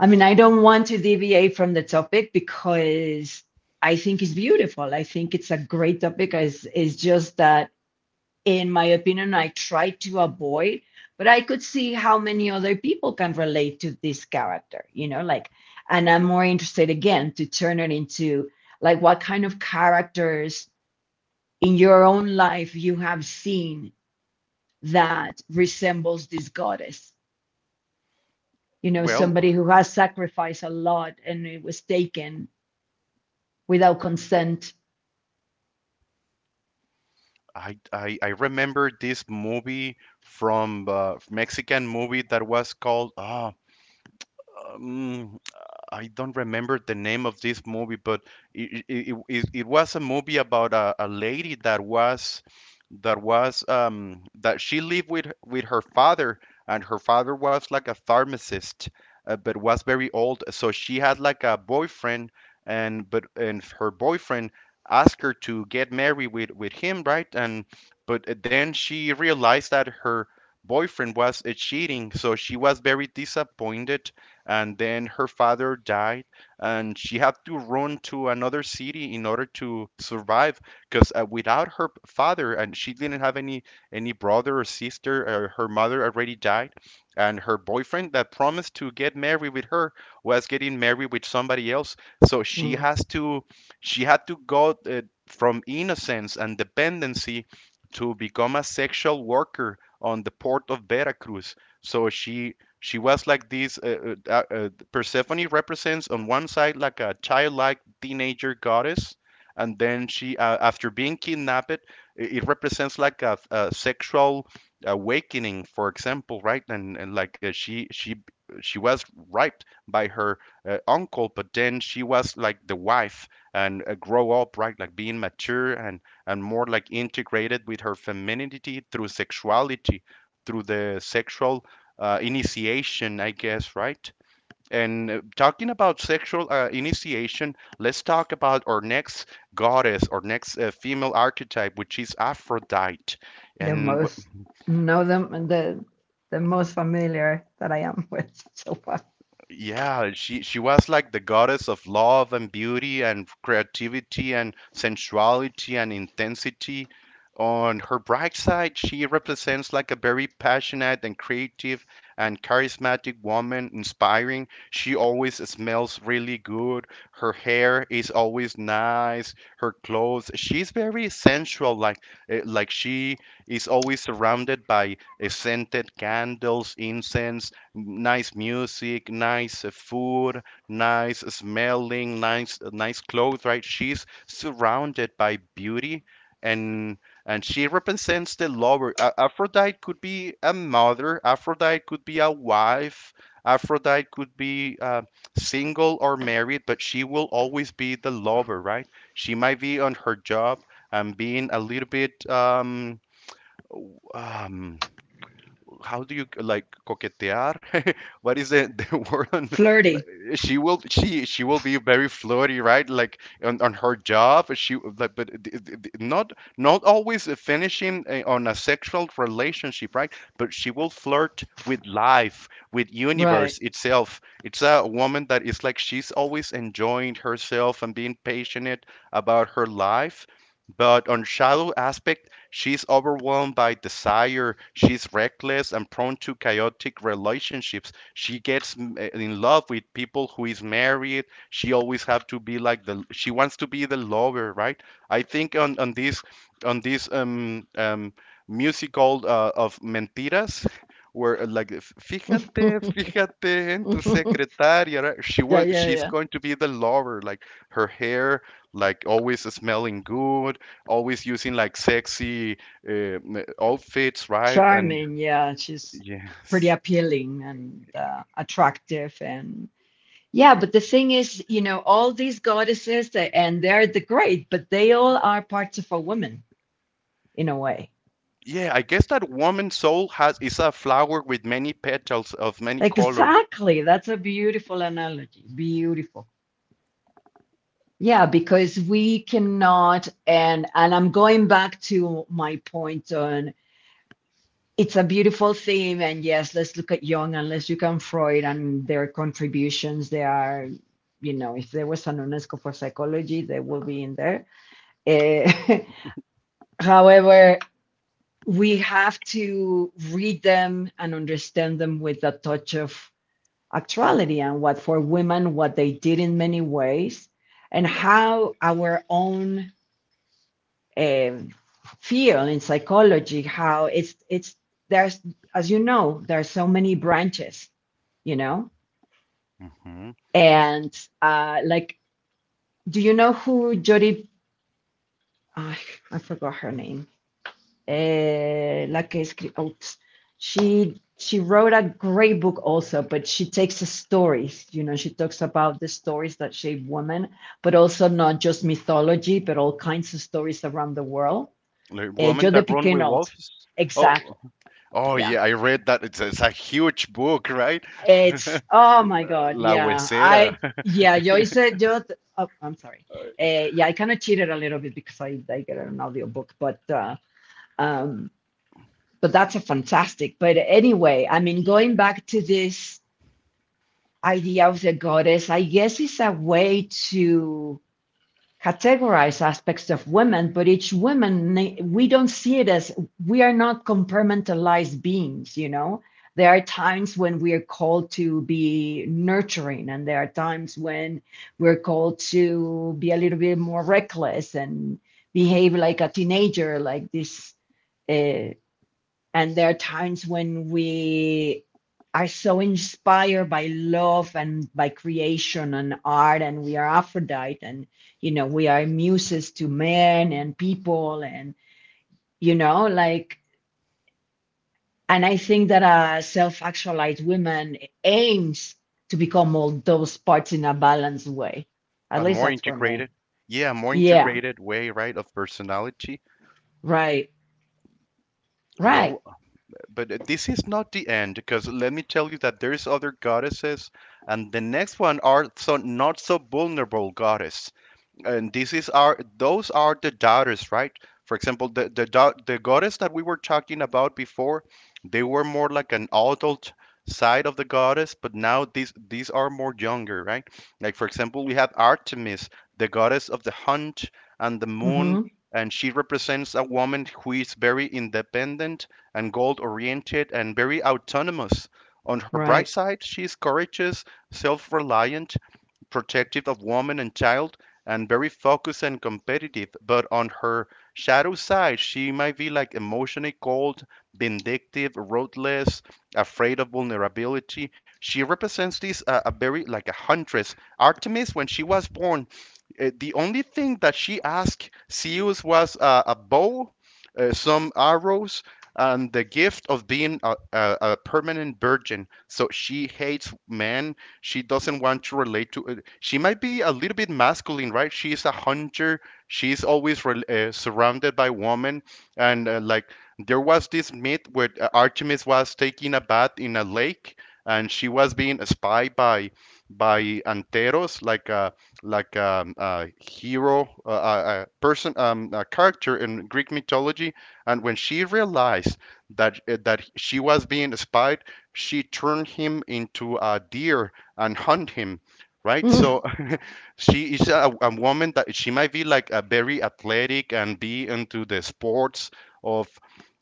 B: I mean, I don't want to deviate from the topic because I think it's beautiful. I think it's a great topic. It's just that in my opinion, I try to avoid, but I could see how many other people can relate to this character, you know, like, and I'm more interested again to turn it into like what kind of characters in your own life you have seen that resembles this goddess, you know,
A: Well,
B: somebody who has sacrificed a lot and it was taken without consent.
A: I remember this movie from Mexican movie that was called um, I don't remember the name of this movie, but it was a movie about a lady that was that she lived with her father, and her father was like a pharmacist, but was very old, so she had like a boyfriend, and her boyfriend asked her to get married with him, right? And but then she realized that her boyfriend was cheating, so she was very disappointed, and then her father died, and she had to run to another city in order to survive because, without her father, and she didn't have any brother or sister. Her mother already died, and her boyfriend that promised to get married with her was getting married with somebody else, so
B: Mm,
A: she had to go from innocence and dependency to become a sexual worker on the port of Veracruz. So she was like this. Persephone represents on one side like a childlike teenager goddess, and then she, after being kidnapped, it represents like a sexual awakening, for example, right? And like, she was raped by her uncle, but then she was like the wife and, grow up, right? Like being mature and more like integrated with her femininity through sexuality, through the sexual, initiation, I guess, right? And, talking about sexual, initiation, let's talk about our next goddess, our next female archetype, which is Aphrodite.
B: the
A: And
B: most know them and the most familiar that I am with *laughs* so far.
A: yeah, she was like the goddess of love and beauty and creativity and sensuality and intensity. On her bright side, she represents like a very passionate and creative and charismatic woman, inspiring. She always smells really good. Her hair is always nice. Her clothes, she's very sensual, like, like she is always surrounded by scented candles, incense, nice music, nice food, nice smelling, nice nice clothes, right? She's surrounded by beauty, and and she represents the lover. Aphrodite could be a mother, Aphrodite could be a wife, Aphrodite could be single or married, but she will always be the lover, right? She might be on her job and being a little bit w- um how do you like coquetear? *laughs* What is the *laughs* word on?
B: Flirty.
A: She will she will be very flirty, right? Like on her job she like, but not not always finishing, on a sexual relationship, right? But she will flirt with life, with
B: Right.
A: universe itself. It's a woman that is like, she's always enjoying herself and being passionate about her life. But on shallow aspect, she's overwhelmed by desire, she's reckless and prone to chaotic relationships. She gets in love with people who is married. She always have to be like the, she wants to be the lover, right? I think on on this musical, of mentiras, where, like fíjate
B: *laughs*
A: fíjate en tu secretaria, right? She
B: Yeah,
A: was,
B: yeah,
A: she's
B: yeah.
A: going to be the lover, like her hair, like always smelling good, always using like sexy, outfits, right? And
B: Charming. Yeah, she's pretty
A: yes.
B: appealing and attractive. And yeah, but the thing is, you know, all these goddesses, they- and they're the great, but they all are parts of a woman in a way.
A: Yeah, I guess that woman's soul has is a flower with many petals of many colors.
B: Exactly. That's a beautiful analogy. Beautiful. Yeah, because we cannot, and I'm going back to my point on. It's a beautiful theme and yes, let's look at Jung and let's look at Freud and their contributions. They are, you know, if there was an UNESCO for psychology, they will be in there. Eh, *laughs* However, we have to read them and understand them with a touch of actuality and what for women what they did in many ways and how our own um, field in psychology how it's there's, as you know, there are so many branches, you know.
A: Hmm.
B: And like, do you know who Jodi ah, I forgot her name la oh, she wrote a great book also, but she takes the stories, you know, she talks about the stories that shape women, but also not just mythology but all kinds of stories around the world.
A: The woman
B: Jodi
A: that run with
B: Piquenot.
A: wolves. Oh, oh
B: Yeah,
A: yeah, I read that. It's a huge book, right? *laughs*
B: it's oh my God.
A: La
B: Yeah, I
A: Huesera.
B: yeah, yo hice yo. Oh, I'm sorry. Yeah, I kind of cheated a little bit because I get an audiobook, um, but that's a fantastic. But anyway, I mean, going back to this idea of the goddess, I guess it's a way to categorize aspects of women, but each woman, we don't see it as we are not compartmentalized beings, you know? There are times when we are called to be nurturing, and there are times when we're called to be a little bit more reckless and behave like a teenager, like this. uh, and there are times when we are so inspired by love and by creation and art, and we are Aphrodite, and you know, we are muses to men and people, and you know, like, and I think that a self actualized woman aims to become all those parts in a balanced way.
A: *laughs*
B: At
A: A
B: least
A: more
B: that's for me.
A: integrated, yeah, a more
B: Yeah,
A: integrated way, right, of personality.
B: right, right,
A: Well, but this is not the end, because let me tell you that there's other goddesses, and the next one are so not so vulnerable goddess. And this is our, those are the daughters, right? For example, the goddess that we were talking about before, they were more like an adult side of the goddess, but now these are more younger, right? Like for example, we have Artemis, the goddess of the hunt and the moon,
B: mm-hmm,
A: and she represents a woman who is very independent and goal oriented and very autonomous. On her bright
B: right.
A: side, she is courageous, self-reliant, protective of woman and child, and very focused and competitive. But on her shadow side, she might be like emotionally cold, vindictive, ruthless, afraid of vulnerability. She represents this, a very like a huntress. Artemis, when she was born, the only thing that she asked Zeus was, a bow, some arrows, and the gift of being a permanent virgin. So she hates men, she doesn't want to relate to. It. She might be a little bit masculine, right? She is a hunter. She's always rel surrounded by women, and, like, there was this myth where, Artemis was taking a bath in a lake, and she was being spied by Anteros, like a hero, a person, a character in Greek mythology. And when she realized that, that she was being spied, she turned him into a deer and hunt him, right?
B: Mm.
A: So *laughs* she is a woman that she might be like a very athletic and be into the sports of,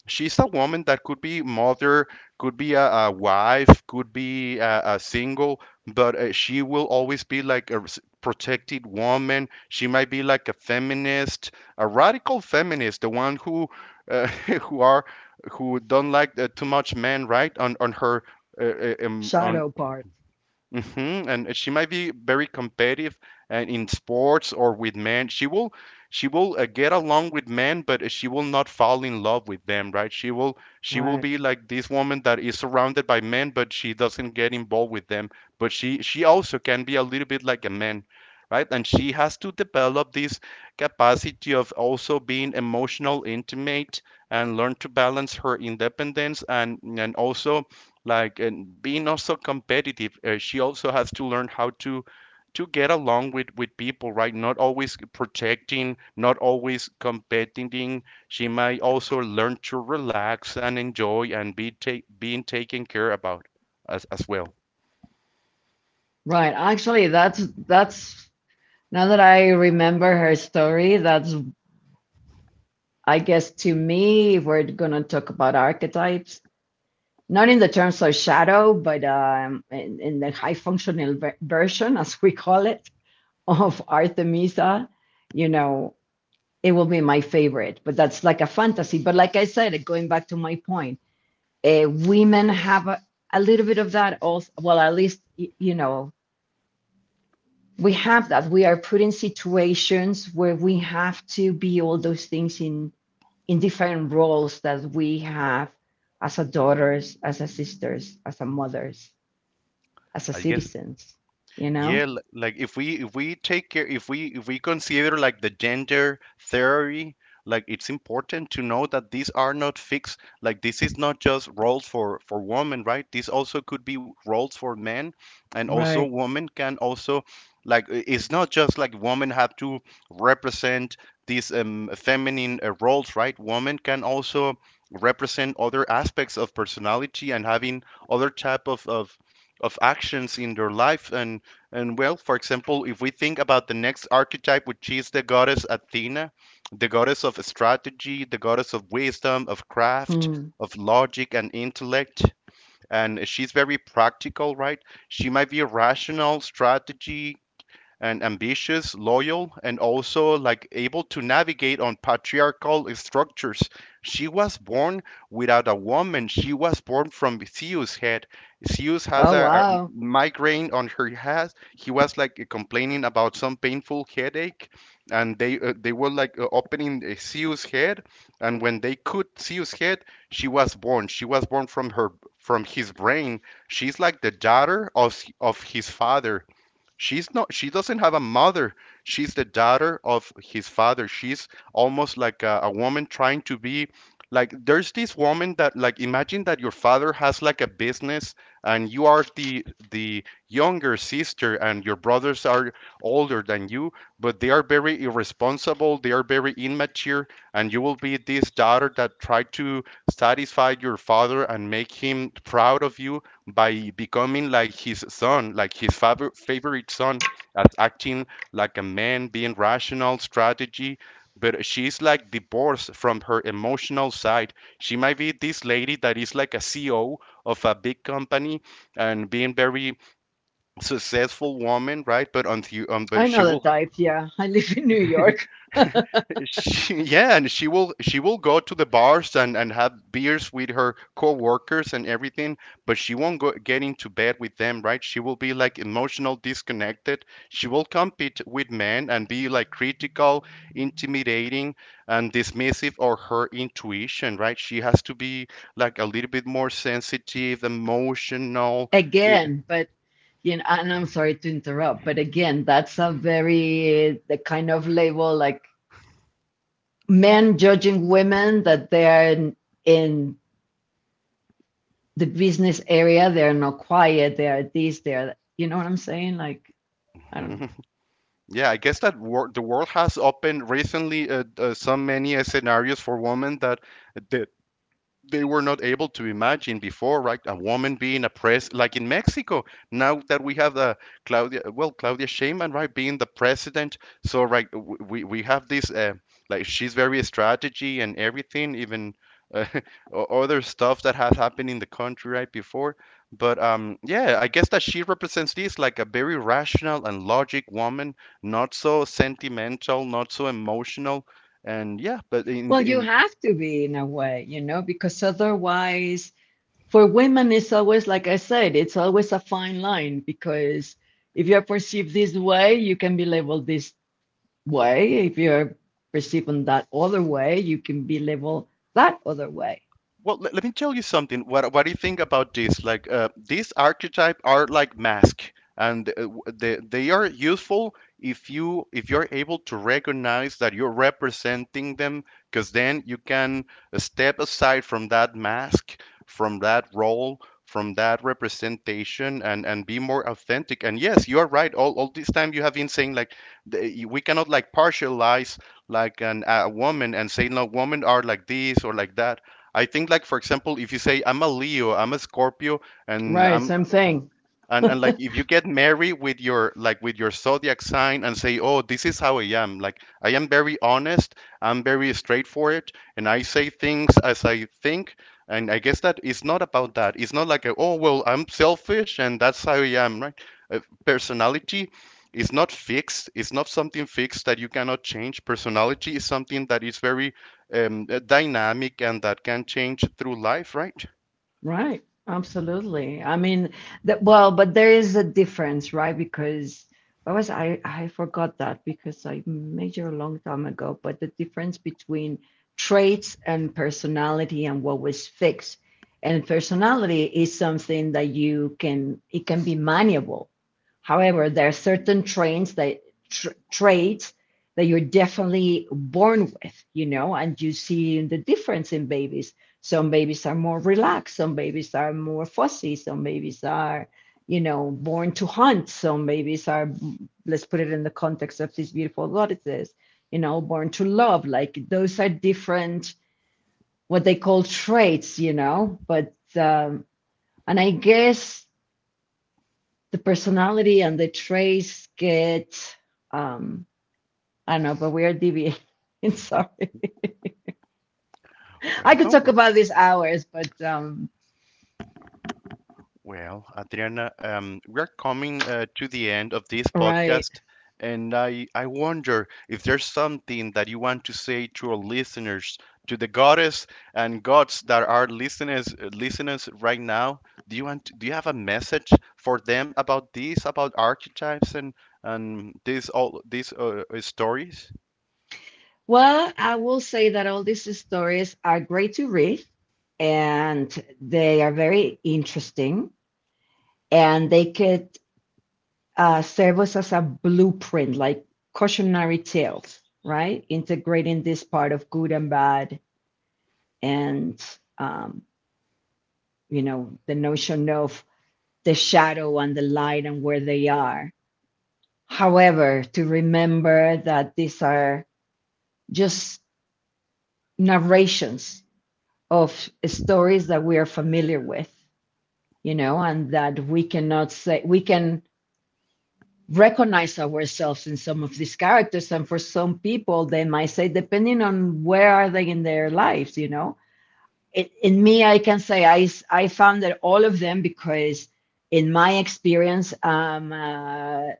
A: she's a woman that could be mother, could be a wife, could be a single, but, she will always be like a protected woman. She might be like a feminist, a radical feminist, the one who, uh, *laughs* who are, who don't like, too much men, right? On her, on
B: Shadow part,
A: hmm. And she might be very competitive and in sports or with men. She will get along with men, but she will not fall in love with them, right? She will
B: right.
A: be like this woman that is surrounded by men, but she doesn't get involved with them. But she also can be a little bit like a man, right? And she has to develop this capacity of also being emotional, intimate, and learn to balance her independence, and also like and being also competitive. She also has to learn how to get along with people, right? Not always protecting, not always competing. She might also learn to relax and enjoy and be being taken care about, as well.
B: Right. Actually, that's now that I remember her story, that's I guess to me, if we're gonna talk about archetypes, not in the terms of shadow, but in the high functional ver- version, as we call it, of Artemisa, you know, it will be my favorite. But that's like a fantasy. But like I said, going back to my point, women have a little bit of that also. Well, at least you know, we have that we are put in situations where we have to be all those things in different roles that we have as a daughters, as a sisters, as a mothers, as a
A: I guess,
B: citizens, you
A: yeah,
B: know.
A: like, if we take care, if we consider like the gender theory, like it's important to know that these are not fixed. Like this is not just roles for women, right? This also could be roles for men, and also
B: Right.
A: women can also like, it's not just like women have to represent these, feminine, roles, right? Women can also represent other aspects of personality and having other type of actions in their life, and well, for example, if we think about the next archetype, which is the goddess Athena, the goddess of strategy, the goddess of wisdom, of craft,
B: Hmm.
A: of logic and intellect. And she's very practical, right? She might be rational, strategy, and ambitious, loyal, and also like able to navigate on patriarchal structures. She was born without a woman. She was born from Zeus' head. Zeus has
B: Oh
A: a
B: wow.
A: migraine on her head. He was like complaining about some painful headache, and they, they were like, opening, Zeus' head, and when they cut Zeus' head, she was born. She was born from her from his brain. She's like the daughter of his father. She's not, she doesn't have a mother. She's the daughter of his father. She's almost like a woman trying to be like, there's this woman that, like, imagine that your father has like a business, and you are the younger sister, and your brothers are older than you, but they are very irresponsible, they are very immature, and you will be this daughter that try to satisfy your father and make him proud of you by becoming like his son, like his favorite son, as acting like a man, being rational, strategy. But she's like divorced from her emotional side. She might be this lady that is like a CEO of a big company and being very successful woman, right? But on the, but
B: I
A: she
B: know the
A: will.
B: type, yeah. *laughs* I live in New York.
A: She, yeah, and she will go to the bars and have beers with her coworkers and everything, but she won't go get into bed with them, right? She will be like emotional disconnected. She will compete with men and be like critical, intimidating, and dismissive of her intuition, right? She has to be like a little bit more sensitive, emotional. eh,
B: Again but you know, and I'm sorry to interrupt, but again, that's a very the kind of label like men judging women that they are in the business area they're not quiet they're this they're, you know what I'm saying, like I don't know.
A: *laughs* Yeah, I guess that wor the world has opened recently, so many, scenarios for women that the, they were not able to imagine before, right? A woman being oppressed, like in Mexico. Now that we have the Claudia, well, Claudia Sheinbaum, right, being the president. So, right, we have this, like she's very strategy and everything, even, uh, *laughs* other stuff that has happened in the country right before. But yeah, I guess that she represents this like a very rational and logic woman, not so sentimental, not so emotional, and yeah. But in
B: Well, you
A: in.
B: have to be in a way, you know, because otherwise for women it's always, like I said, it's always a fine line, because if you're perceived this way you can be labeled this way, if you're perceived in that other way you can be labeled that other way.
A: Well, let me tell you something. What do you think about this? Like, these archetype are like mask, and, they are useful if you, if you're able to recognize that you're representing them, because then you can step aside from that mask, from that role, from that representation, and be more authentic. And yes, you are right. All this time you have been saying like we cannot like partialize like an a woman and say no, women are like this or like that. I think like for example, if you say I'm a Leo, I'm a Scorpio, and
B: Right,
A: I'm,
B: same thing.
A: and like if you get merry with your like with your zodiac sign and say, "Oh, this is how I am. Like I am very honest, I'm very straightforward, and I say things as I think." And I guess that it's not about that. It's not like, a, "Oh, well, I'm selfish and that's how I am," right? Uh, personality is not fixed. It's not something fixed that you cannot change. Personality is something that is very, dynamic and that can change through life, right?
B: Right. Absolutely. I mean, that well, but there is a difference, right? Because what was I forgot that because I major a long time ago, but the difference between traits and personality and what was fixed. And personality is something that you can it can be malleable. However, there are certain traits that tr traits that you're definitely born with, you know, and you see the difference in babies. Some babies are more relaxed. Some babies are more fussy. Some babies are, you know, born to hunt. Some babies are, let's put it in the context of these beautiful goddesses, you know, born to love. Like those are different, what they call traits, you know. But, and I guess the personality and the traits get, um, I don't know, but we are deviating. *laughs* Sorry. I
A: Well,
B: could
A: don't
B: talk
A: worry.
B: about this hours, but,
A: Well, Adriana, we're coming, to the end of this
B: right.
A: podcast, and I wonder if there's something that you want to say to our listeners, to the goddess and gods that are listeners right now. Do you want, do you have a message for them about this, about archetypes and these all these, stories?
B: Well, I will say that all these stories are great to read and they are very interesting and they could serve us as a blueprint, like cautionary tales, right? Integrating this part of good and bad and, um, you know, the notion of the shadow and the light and where they are. However, to remember that these are just narrations of stories that we are familiar with, you know, and that we cannot say, we can recognize ourselves in some of these characters. And for some people, they might say, depending on where are they in their lives, you know, it, in me, I can say I found that all of them because in my experience, I'm a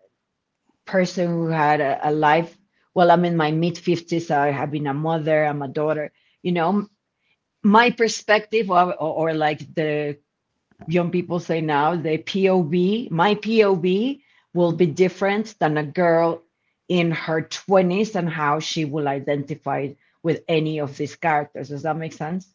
B: person who had a life. Well, I'm in my mid 50s. I have been a mother, I'm a daughter. You know, my perspective or like the young people say now the POV, my POV will be different than a girl in her 20s and how she will identify with any of these characters. Does that make sense?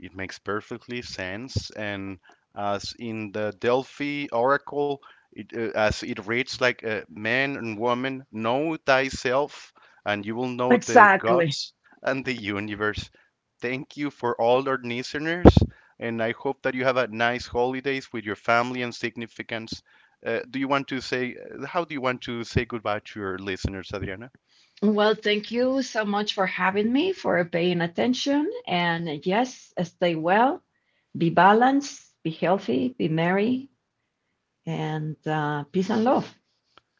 A: It makes perfectly sense. And as in the Delphi Oracle, it, as it reads like, man and woman, know thyself, and you will know the
B: Exactly.
A: gods and the universe. Thank you for all our listeners, and I hope that you have a nice holidays with your family and significance. Do you want to say, how do you want to say goodbye to your listeners, Adriana?
B: Well, thank you so much for having me, for paying attention. And yes, stay well, be balanced, be healthy, be merry, and peace and love.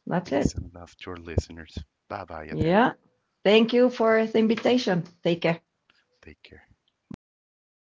B: That's
A: Peace
B: it.
A: and love to your listeners. Bye bye, Adriana.
B: Yeah. Thank you for the invitation. Take care.
A: Take care.
B: Bye.